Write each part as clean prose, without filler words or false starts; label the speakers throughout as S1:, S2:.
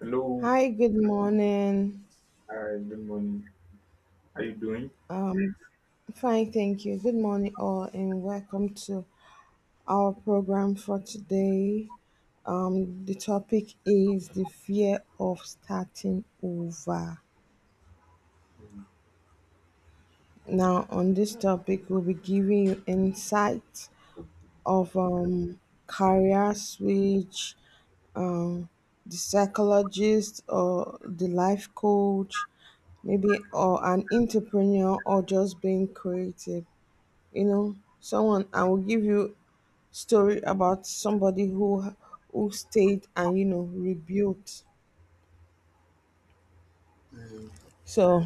S1: Hello.
S2: Hi, good morning.
S1: Hi. Good morning. How you doing?
S2: Fine, thank you. Good morning, all, and welcome to our program for today. The topic is the fear of starting over. Now, on this topic, we'll be giving you insight of career switch, um, the psychologist or the life coach, maybe, or an entrepreneur, or just being creative. Someone, I will give you story about somebody who stayed and rebuilt.
S1: Mm.
S2: So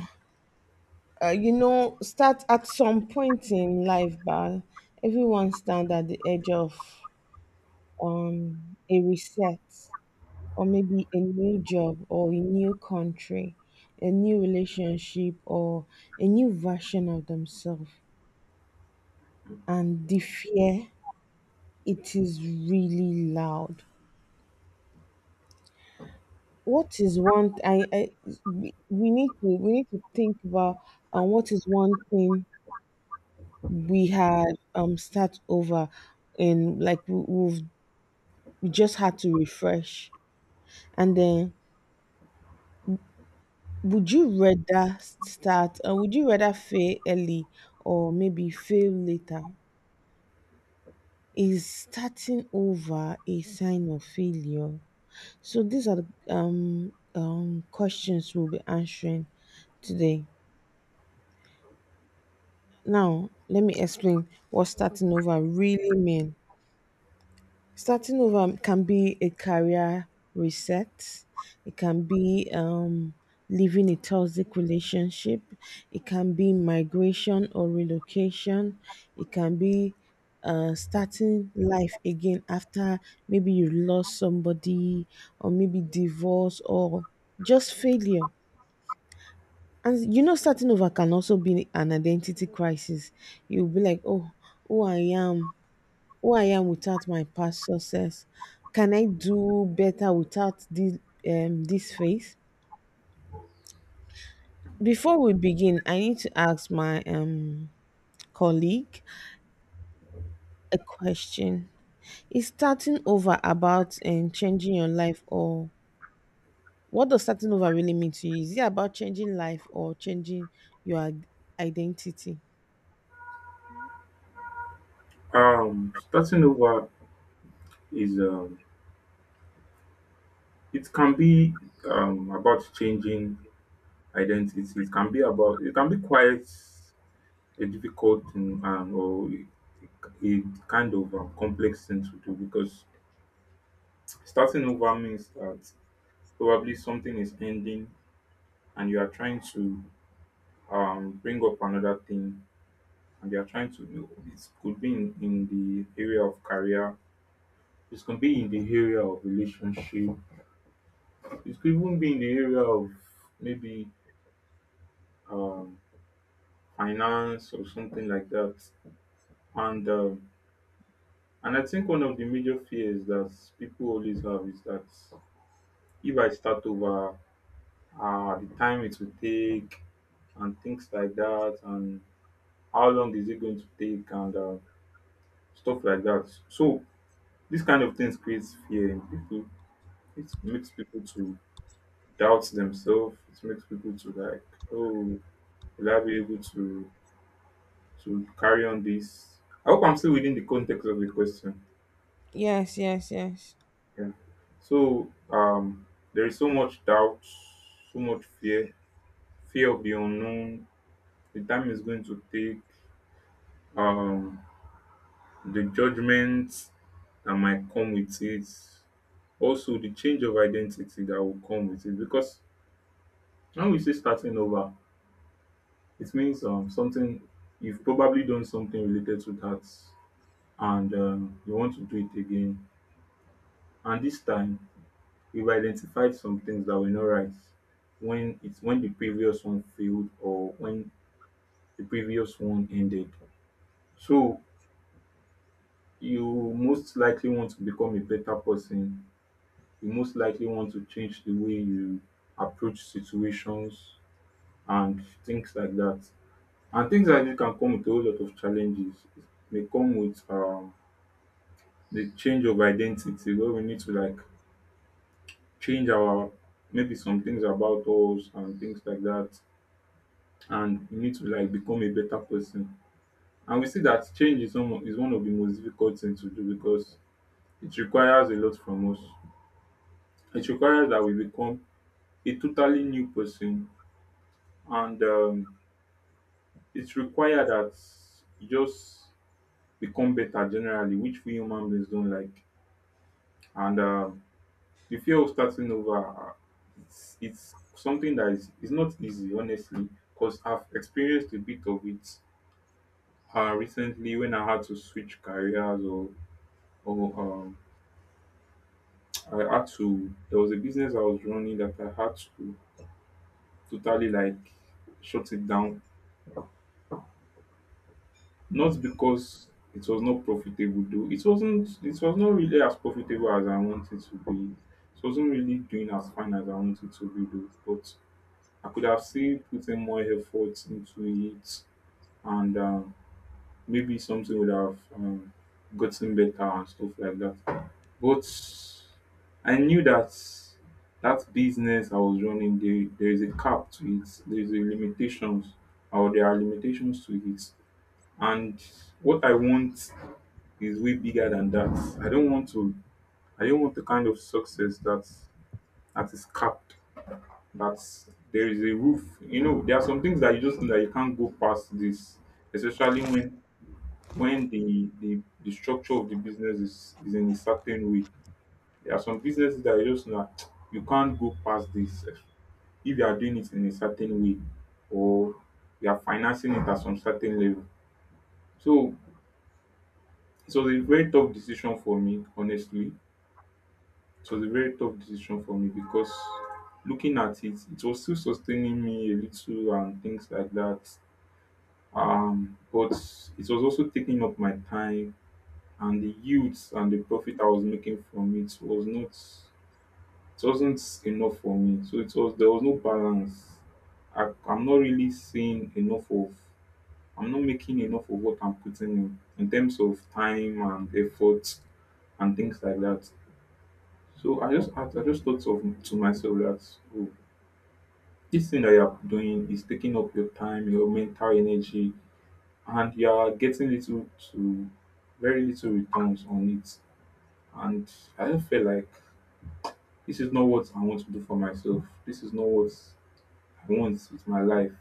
S2: start at some point in life, but everyone stand at the edge of a reset, or maybe a new job or a new country, a new relationship, or a new version of themselves. And the fear, it is really loud. What is one I we need to think about, what is one thing we had start over, and like we just had to refresh. And then would you rather fail early, or maybe fail later? Is starting over a sign of failure? So these are the questions we'll be answering today. Now, let me explain what starting over really mean. Starting over can be a career reset. It can be leaving a toxic relationship. It can be migration or relocation. It can be starting life again after maybe you lost somebody, or maybe divorce, or just failure. And starting over can also be an identity crisis. You'll be like, oh, who I am, who I am without my past success. Can I do better without this phase? Before we begin, I need to ask my colleague a question. Is starting over about changing your life, or what does starting over really mean to you? Is it about changing life or changing your identity?
S1: Starting over is it can be about changing identity. It can be about it can be quite a difficult thing or a a kind of complex thing to do, because starting over means that probably something is ending and you are trying to bring up another thing, and you are trying to do it could be in the area of career. It can be in the area of relationship. It could even be in the area of maybe um, finance or something like that. And and I think one of the major fears that people always have is that if I start over, the time it will take and things like that, and how long is it going to take, and stuff like that. So this kind of things creates fear in people. It makes people to doubt themselves. It makes people to like, oh, will I be able to carry on this? I hope I'm still within the context of the question.
S2: Yes, yes, yes.
S1: Yeah. So there is so much doubt, so much fear, fear of the unknown, the time is going to take, um, the judgments that might come with it, also the change of identity that will come with it. Because when we say starting over, it means something you've probably done something related to that, and you want to do it again. And this time, we've identified some things that were not right when it's when the previous one failed, or when the previous one ended. So you most likely want to become a better person. You most likely want to change the way you approach situations and things like that. And things like this can come with a whole lot of challenges. It may come with the change of identity, where we need to like change our maybe some things about us and things like that, and you need to like become a better person. And we see that change is is one of the most difficult things to do, because it requires a lot from us. It requires that we become a totally new person, and it requires that you just become better generally, which we human beings don't like. And the fear of starting over, it's something that is not easy, honestly, because I've experienced a bit of it recently, when I had to switch careers, or or um I had to there was a business I was running that I had to totally like shut it down. Not because it was not profitable though. It wasn't it was not really as profitable as I wanted to be. It wasn't really doing as fine as I wanted to be though. But I could have still put in more effort into it, and maybe something would have gotten better and stuff like that. But I knew that that business I was running, there is a cap to it. There is a limitations, or there are limitations to it. And what I want is way bigger than that. I don't want to. I don't want the kind of success that is capped. That there is a roof. You know, there are some things that you just know that you can't go past this, especially when the the structure of the business is in a certain way. There are some businesses that you just know that you can't go past this. If you are doing it in a certain way, or you are financing it at some certain level. So it was a very tough decision for me, honestly. It was a very tough decision for me, because looking at it, it was still sustaining me a little and things like that. But it was also taking up my time, and the yields and the profit I was making from it was not it wasn't enough for me. So it was there was no balance. I'm not really seeing enough of. I'm not making enough of what I'm putting in terms of time and effort and things like that. So I just thought of to myself that, oh, this thing that you're doing is taking up your time, your mental energy, and you are getting little to very little returns on it. And I just felt like this is not what I want to do for myself. This is not what once with my life.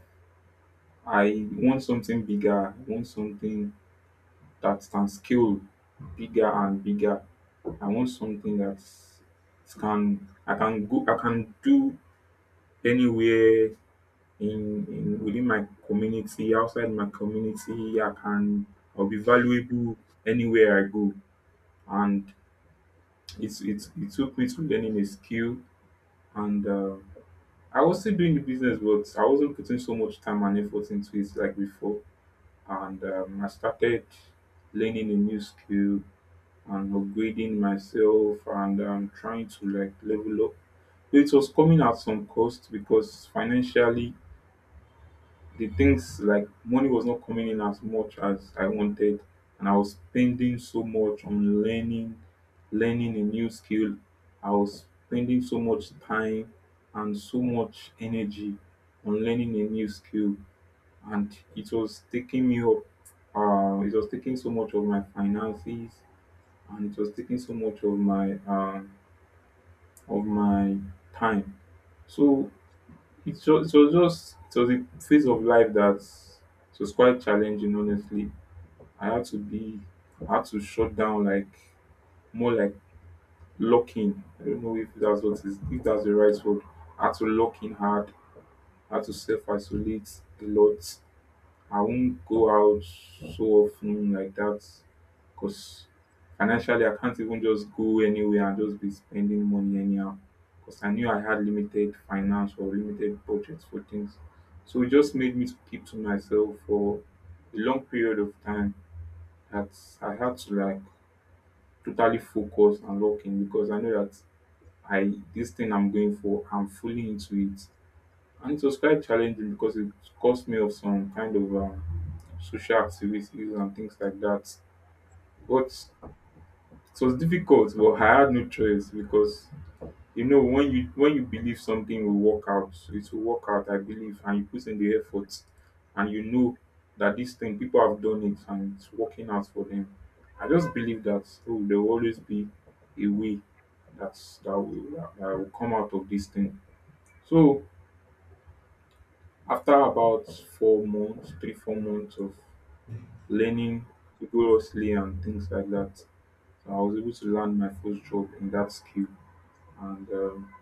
S1: I want something bigger. I want something that can scale bigger and bigger. I want something that can I can go I can do anywhere in within my community, outside my community. I'll be valuable anywhere I go. And it's it took me to learning a skill, and I was still doing the business, but I wasn't putting so much time and effort into it like before, and I started learning a new skill and upgrading myself, and trying to like level up. So it was coming at some cost, because financially the things like money was not coming in as much as I wanted, and I was spending so much on learning, learning a new skill. I was spending so much time and so much energy on learning a new skill, and it was taking me up. It was taking so much of my finances, and it was taking so much of my time. So it was just it was a phase of life that it was quite challenging. Honestly, I had to be, I had to shut down, like more like lock in. I don't know if that's what is if that's the right word. I had to lock in hard. I had to self isolate a lot. I won't go out so often like that, because financially I can't even just go anywhere and just be spending money anyhow, because I knew I had limited finance or limited budgets for things. So it just made me to keep to myself for a long period of time, that I had to like totally focus and lock in, because I know that I this thing I'm going for, I'm fully into it. And it was quite challenging, because it cost me of some kind of social activities and things like that. But it was difficult, but I had no choice, because you know when you believe something will work out, it will work out, I believe, and you put in the effort, and you know that this thing people have done it and it's working out for them. I just believe that, oh, there will always be a way that's that will come out of this thing. So after about 4 months, three, 4 months of learning rigorously and things like that, I was able to land my first job in that skill, and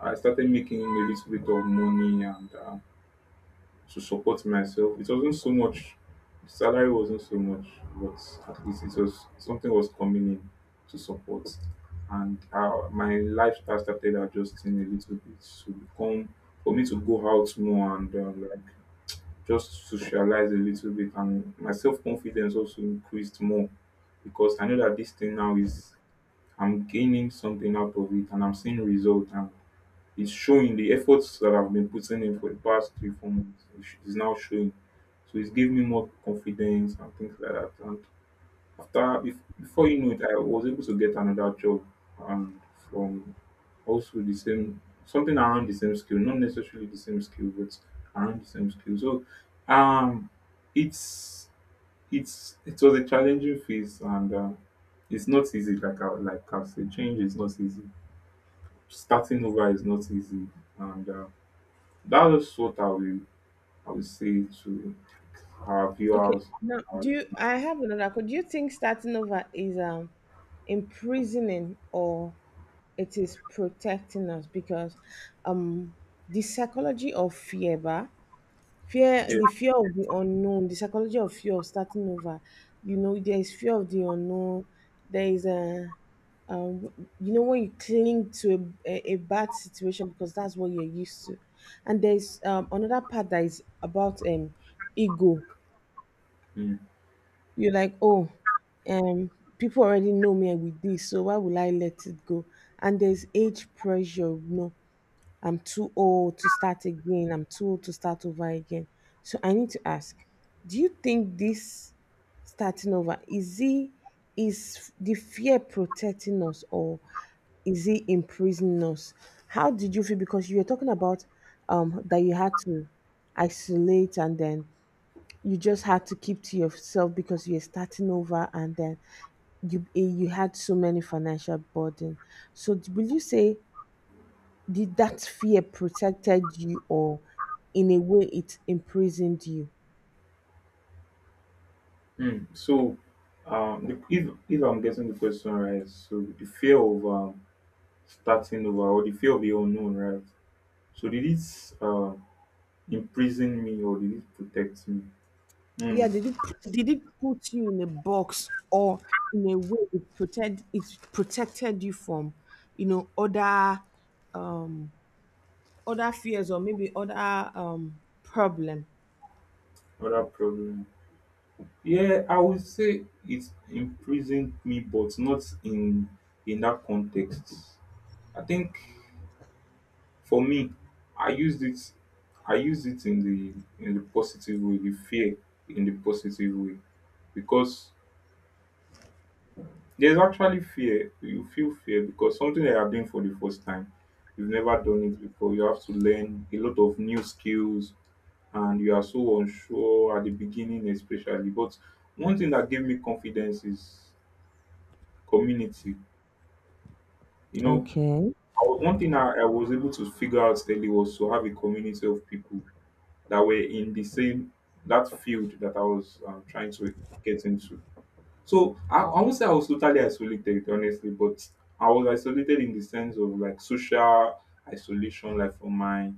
S1: I started making a little bit of money, and to support myself. It wasn't so much, the salary wasn't so much, but at least it was something was coming in to support, and my lifestyle started adjusting a little bit to become for me to go out more, and like just socialize a little bit, and my self-confidence also increased more, because I know that this thing now is I'm gaining something out of it, and I'm seeing results, and it's showing the efforts that I've been putting in for the past three, 4 months is now showing. So it's giving me more confidence and things like that. And before you know it, I was able to get another job, and from also the same something around the same skill, not necessarily the same skill, but around the same skill. So um it's it's it was a challenging phase, and it's not easy, like I said, change is not easy. Starting over is not easy, and that is what I will say to our
S2: Okay.
S1: viewers.
S2: Now,
S1: Uh,
S2: I have another question. Do you think starting over is imprisoning, or it is protecting us? Because um the psychology of fear,
S1: yeah.
S2: the fear of the unknown, the psychology of fear of starting over. There is fear of the unknown. There is a um, when you cling to a bad situation because that's what you're used to, and there's another part that is about ego. You're like, oh, um, people already know me with this, so why will I let it go? And there's age pressure, I'm too old to start again, I'm too old to start over again. So I need to ask, do you think this starting over is the fear protecting us, or is it imprisoning us? How did you feel? Because you were talking about that you had to isolate, and then you just had to keep to yourself because you're starting over, and then you had so many financial burden. So will you say, did that fear protected you, or in a way it imprisoned you?
S1: Mm. So, if I'm getting the question right, so the fear of starting over, or the fear of the unknown, right? So did it imprison me, or did it protect me?
S2: Yeah,
S1: Mm.
S2: did it put you in a box, or in a way it protected you from, you know, other um other fears, or maybe other problem.
S1: Other problem. Yeah, I would say it imprisoned me, but not in that context. I think for me, I used it. I used it in the positive way, the fear in the positive way, because there's actually fear. You feel fear because something that you are doing for the first time, you've never done it before. You have to learn a lot of new skills, and you are so unsure at the beginning, especially. But one thing that gave me confidence is community. You know,
S2: Okay.
S1: One thing I was able to figure out early was to have a community of people that were in the same that field that I was trying to get into. So I won't say I was totally isolated, honestly, but I was isolated in the sense of like social isolation, like from my,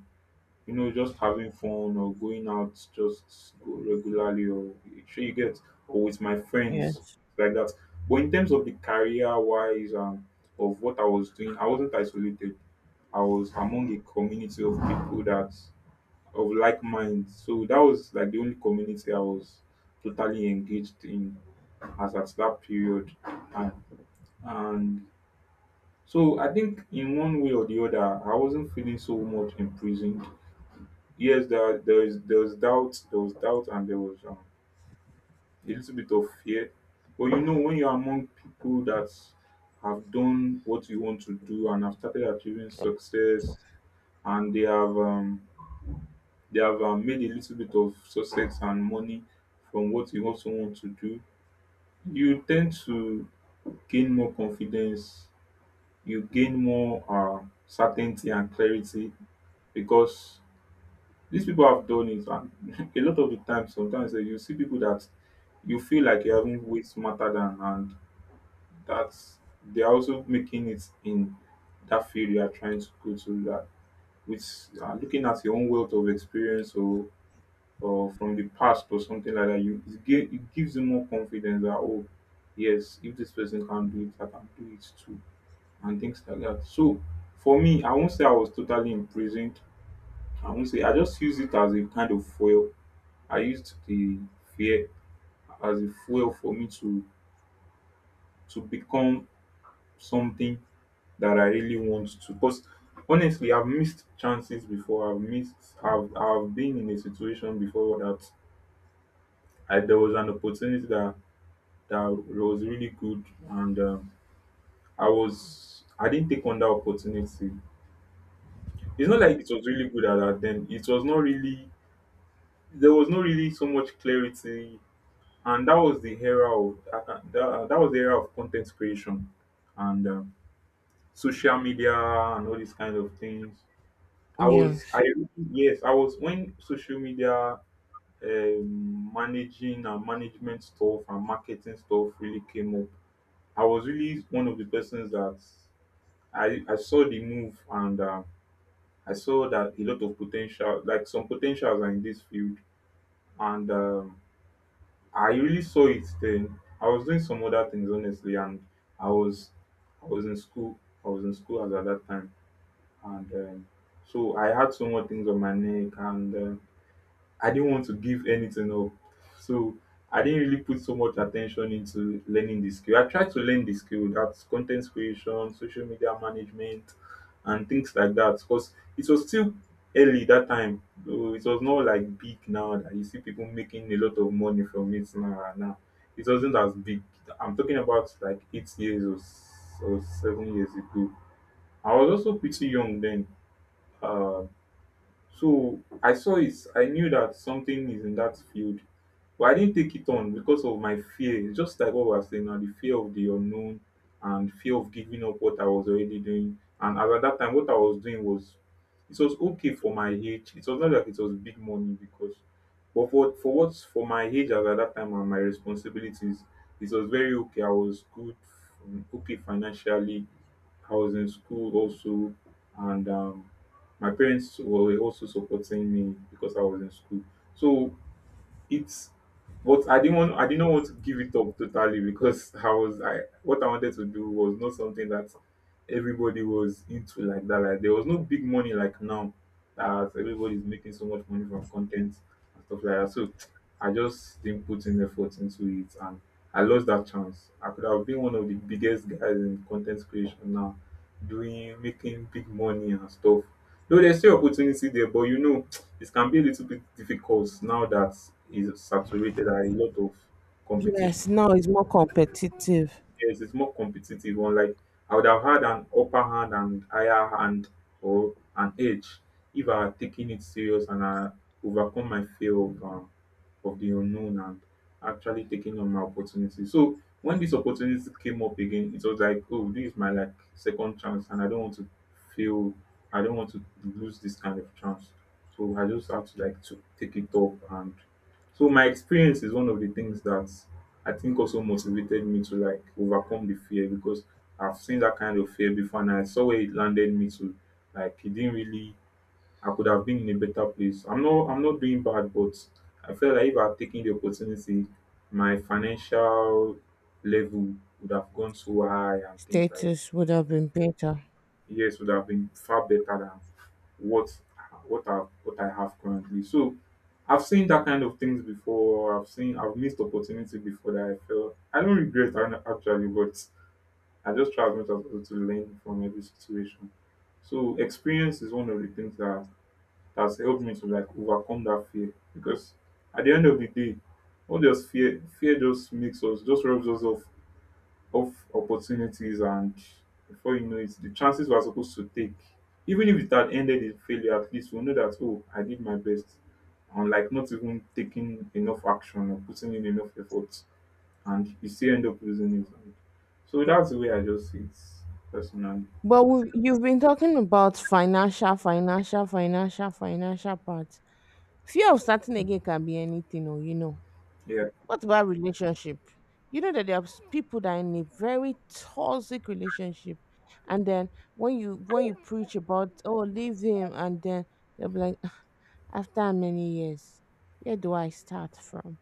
S1: just having fun or going out just go regularly or sure you get or with my friends
S2: Yes.
S1: like that. But in terms of the career wise of what I was doing, I wasn't isolated. I was among a community of people that of like minds. So that was like the only community I was totally engaged in as at that period. And, and so I think in one way or the other, I wasn't feeling so much imprisoned. Yes, there was doubt, there was doubt, and there was a little bit of fear. But you know, when you're among people that have done what you want to do and have started achieving success, and they have made a little bit of success and money from what you also want to do. You tend to gain more confidence, you gain more certainty and clarity, because these people have done it. And a lot of the time, sometimes you see people that you feel like you haven't way smarter than, and that's they are also making it in that field you are trying to go to that, with looking at your own wealth of experience or from the past or something like that, it gives you more confidence that, oh yes, if this person can do it, I can do it too, and things like that. So for me, I won't say I was totally imprisoned. I won't say, I just used it as a kind of fuel. I used the fear as a fuel for me to become something that I really want to. Because honestly, I've missed chances before. I've missed. I've been in a situation before that, there was an opportunity that was really good and I didn't take on that opportunity. It's not like it was really good at that, then, it was not really there was not really so much clarity. And that was the era of content creation and social media and all these kind of things. I was
S2: Yes.
S1: I Yes, I was, when social media managing and management stuff and marketing stuff really came up, I was really one of the persons that I saw the move, and I saw that a lot of potential, like some potentials are in this field, and I really saw it then. I was doing some other things honestly, and I was I was in school. I was in school as at that time, and so I had so much things on my neck, and I didn't want to give anything up. So I didn't really put so much attention into learning the skill. I tried to learn the skill, that's content creation, social media management, and things like that, because it was still early that time. So it was not like big now that you see people making a lot of money from it now. It wasn't as big. I'm talking about like 8 years or, or 7 years ago. I was also pretty young then. Uh, so I saw it. I knew that something is in that field, but I didn't take it on because of my fear. It's just like what we are saying now, the fear of the unknown and fear of giving up what I was already doing. And as at that time, what I was doing was, it was okay for my age. It was not like it was big money because, but for my age as at that time and my responsibilities, it was very okay. I was good, okay financially. I was in school also, and my parents were also supporting me because I was in school. So it's, but I did not want to give it up totally, because I was I what I wanted to do was not something that everybody was into like that. Like there was no big money like now, that everybody's making so much money from content and stuff like that. So I just didn't put in effort into it, and I lost that chance. I could have been one of the biggest guys in content creation now, doing making big money and stuff. Though there's still opportunity there, but you know it can be a little bit difficult now that it's saturated and a lot of competition.
S2: Yes, now it's more competitive.
S1: Yes, it's more competitive. Unlike, I would have had an upper hand and higher hand, or an edge, if I had taken it serious and I overcome my fear of, the unknown, and actually taking on my opportunity. So when this opportunity came up again, it was like, oh, this is my like second chance, and feel, I don't want to lose this kind of chance. So I just have to like to take it up, and so my experience is one of the things that I think also motivated me to like overcome the fear, because I've seen that kind of fear before, and I saw where it landed me to. Like, it didn't really I could have been in a better place. I'm not doing bad, but I felt like if I had taken the opportunity, my financial level would have gone so high, and things like
S2: Status would have been better.
S1: years would have been far better than what I have currently. So I've seen that kind of things before. I've missed opportunity before that, I felt, I don't regret, actually, but I just try as much as possible to learn from every situation. So experience is one of the things that has helped me to like overcome that fear, because at the end of the day, what does fear fear just makes us just rubs us off of opportunities, and before you know it, the chances we're supposed to take, even if it had ended in failure, at least we'll know that, oh, I did my best. And like not even taking enough action or putting in enough effort, and you still end up losing it. And So that's the way I just see it, personally.
S2: But we you've been talking about financial, financial, financial, financial part. Fear of starting again can be anything, or you know.
S1: Yeah.
S2: What about relationship? You know that there are people that are in a very toxic relationship, and then when you preach about, oh, leave him. And then they'll be like, "Ah, after how many years, where do I start from?"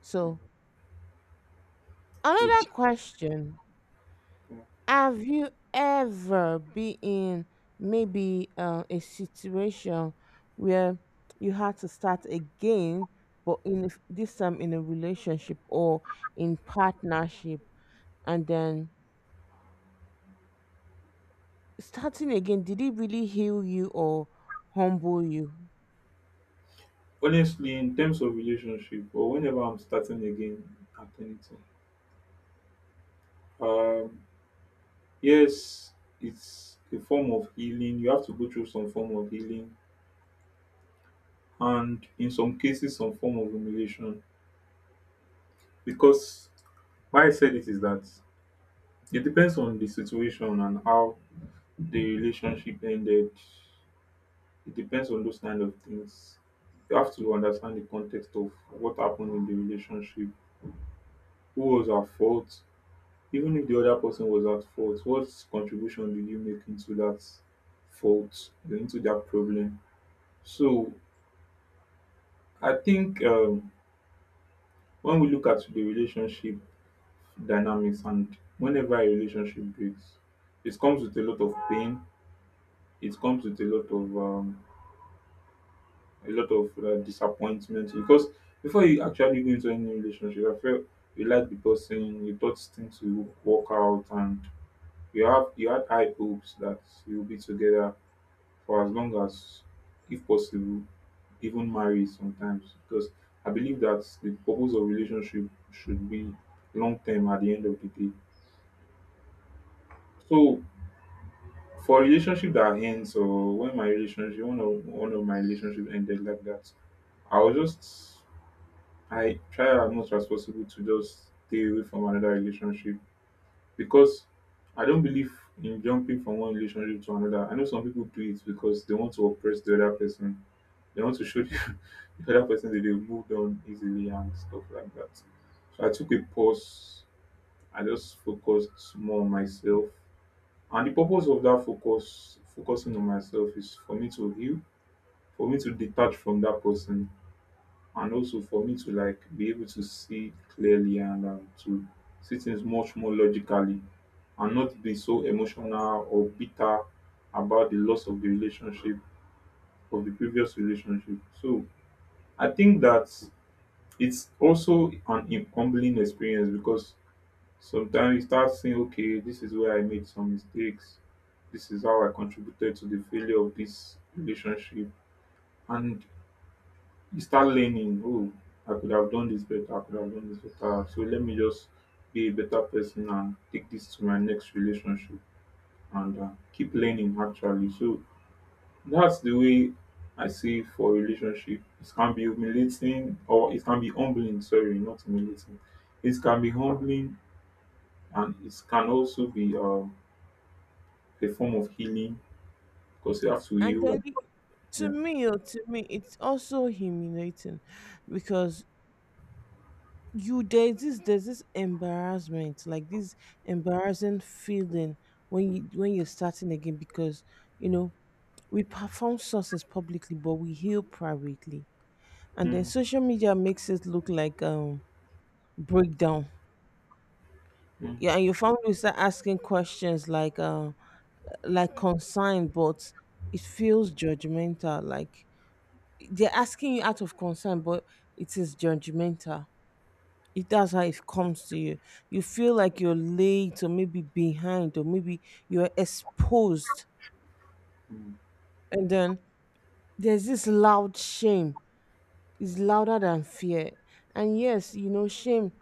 S2: So
S1: Okay.
S2: another question. Have you ever been in maybe a situation where you had to start again, but in a this time in a relationship or in partnership, and then starting again, did it really heal you, or humble you?
S1: Honestly, in terms of relationship, or whenever I'm starting again at anything, um, yes, it's a form of healing. You have to go through some form of healing, and in some cases some form of humiliation, because why I said it is that it depends on the situation and how the relationship ended. It depends on those kind of things. You have to understand the context of what happened in the relationship, who was at fault, even if the other person was at fault, what contribution did you make into that fault, into that problem? So I think, when we look at the relationship dynamics and whenever a relationship breaks, it comes with a lot of pain, it comes with a lot of disappointment, because before you actually go into any relationship, I felt, you like the person, you thought things will work out, and you had high hopes that you'll be together for as long as, if possible, even marry sometimes, because I believe that the purpose of relationship should be long term at the end of the day. So for relationship that ends, or when my relationship one of my relationship ended like that, I was just I try as much as possible to just stay away from another relationship, because I don't believe in jumping from one relationship to another. I know some people do it because they want to oppress the other person. They want to show the, the other person that they've moved on easily and stuff like that. So I took a pause. I just focused more on myself, and the purpose of that focusing on myself is for me to heal, for me to detach from that person, and also for me to like be able to see clearly, and to see things much more logically, and not be so emotional or bitter about the loss of the previous relationship. So I think that it's also an humbling experience, because sometimes you start seeing, okay, this is where I made some mistakes. This is how I contributed to the failure of this relationship. And you start learning, oh, I could have done this better. I could have done this better. So let me just be a better person and take this to my next relationship and keep learning actually. So that's the way I see for relationship. It can be humiliating or it can be humbling. Sorry, not humiliating. It can be humbling and it can also be. A form of healing because you have to
S2: And then
S1: heal. Yeah.
S2: to me, it's also humiliating, because you there's this embarrassment, like this embarrassing feeling when you when you're starting again, because you know we perform sources publicly but we heal privately. And then
S1: Mm,
S2: social media makes it look like breakdown.
S1: mm,
S2: Yeah, and your family will start asking questions like concern, but it feels judgmental, like they're asking you out of concern, but it is judgmental. It That's how it comes to you. You feel like you're late, or maybe behind, or maybe you're exposed.
S1: mm,
S2: And then there's this loud shame. It's louder than fear. And yes, shame,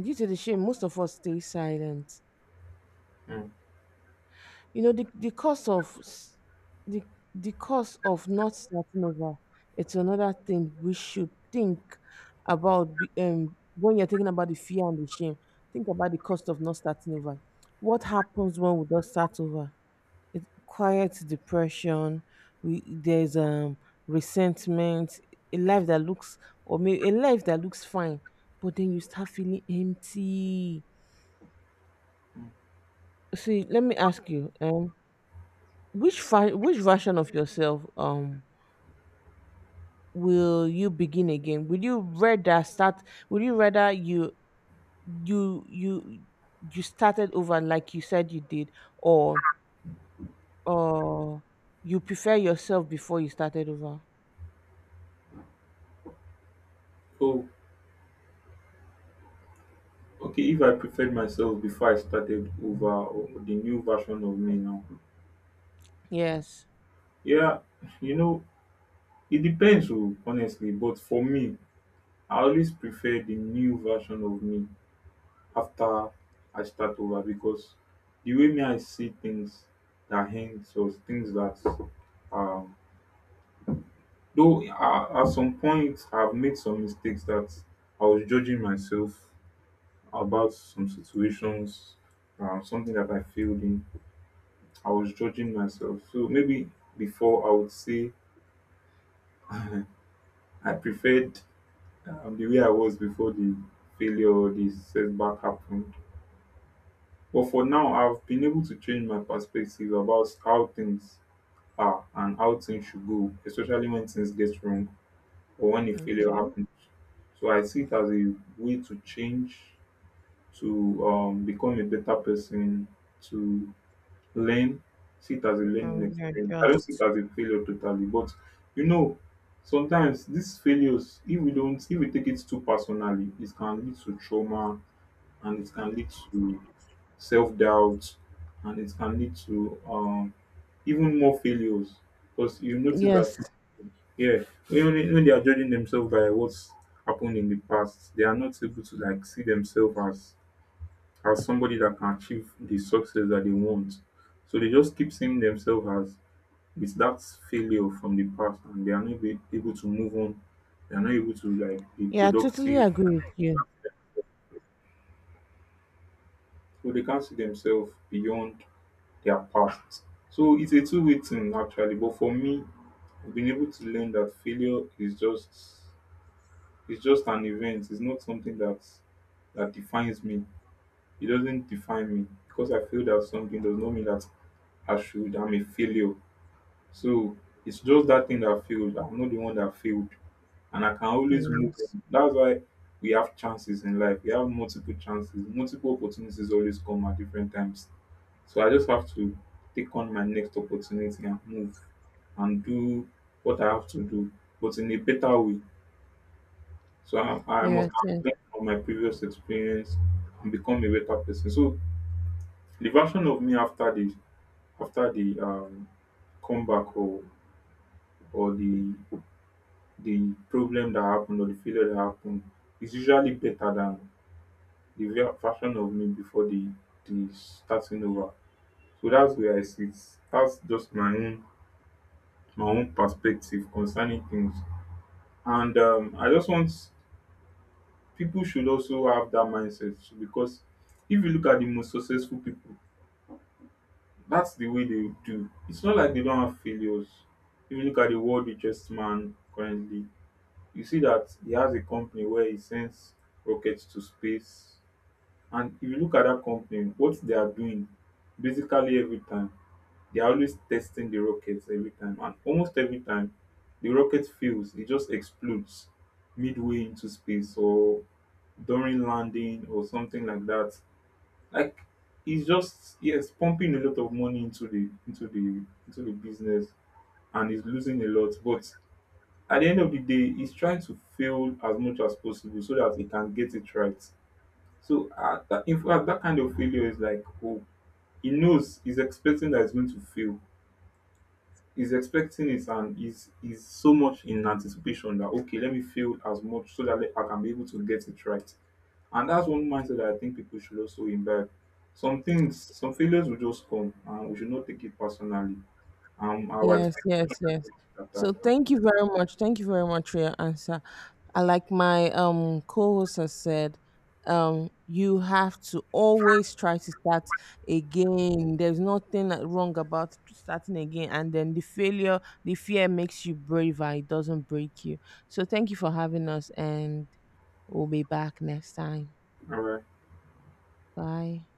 S2: due to the shame, most of us stay silent.
S1: mm,
S2: You know, the, the cost of s- the the cost of not starting over, it's another thing we should think about when you're thinking about the fear and the shame. Think about the cost of not starting over. What happens when we don't start over? It quiets depression. We there's resentment, a life that looks, or maybe a life that looks fine, but then you start feeling empty.
S1: mm.
S2: See, let me ask you, which version of yourself will you begin again? Would you rather start? Would you rather you you you started over like you said you did, or or you prefer yourself before you started over?
S1: So, okay, if I preferred myself before I started over or the new version of me now,
S2: Yes.
S1: yeah, you know, it depends, oh, honestly. But for me, I always prefer the new version of me after I start over because the way me I see things that hint or things that um though at some point I've made some mistakes that I was judging myself about some situations, something that I failed in. I was judging myself. So maybe before I would say I preferred the way I was before the failure or the setback happened. But for now, I've been able to change my perspective about how things are and how things should go, especially when things get wrong or when a failure
S2: Okay.
S1: happens. So I see it as a way to change, to become a better person, to learn, see it as a learning
S2: And
S1: experience. I don't see it
S2: readjust.
S1: as a failure totally, but you know, sometimes these failures, if we take it too personally, it can lead to trauma and it can lead to self doubt and it can lead to even more failures because you notice
S2: Yes.
S1: that, yeah, when they are judging themselves by what's happened in the past, they are not able to like see themselves as somebody that can achieve the success that they want. So they just keep seeing themselves as with that failure from the past and they are not be able to move on. They are not able to like be
S2: Yeah, I totally
S1: productive.
S2: agree with you.
S1: So they can't see themselves beyond their past. So it's a two-way thing actually. But for me, I've been able to learn that failure is just it's just an event. It's not something that defines me. It doesn't define me. Because I feel that something does not mean that I'm a failure. So it's just that thing that failed. I'm not the one that failed. And I can always move
S2: Yes.
S1: on. That's why we have chances in life. We have multiple chances. Multiple opportunities always come at different times. So I just have to take on my next opportunity and move and do what I have to do, but in a better way. So I must
S2: Yes.
S1: have
S2: Yes.
S1: learned from my previous experience and become a better person. So the version of me after the comeback or or the the problem that happened or the failure that happened is usually better than the real version of me before the starting over. So that's where I sit. That's just my own perspective concerning things. And I just want people should also have that mindset so because if you look at the most successful people, that's the way they do. It's not like they don't have failures. If you look at the world richest man currently, you see that he has a company where he sends rockets to space. And if you look at that company, what they are doing basically every time, they are always testing the rockets every time. And almost every time, the rocket fails, it just explodes midway into space or during landing or something like that. Like he's just yes, pumping a lot of money into the business and he's losing a lot. But at the end of the day, he's trying to fail as much as possible so that he can get it right. So, that, in fact, that kind of failure is like, oh, he knows he's expecting that he's going to fail. He's expecting it and he's so much in anticipation that, okay, let me fail as much so that I can be able to get it right. And that's one mindset that I think people should also imbibe. Some things, some failures will just come and we should not take it personally. Our
S2: Yes, yes,
S1: expectations
S2: yes.
S1: are
S2: So
S1: that.
S2: thank you very much. Thank you very much for your answer. I, like my co-host has said, you have to always try to start again. There's nothing wrong about starting again. And then the fear makes you braver, it doesn't break you. So thank you for having us, and we'll be back next time.
S1: All right.
S2: Bye.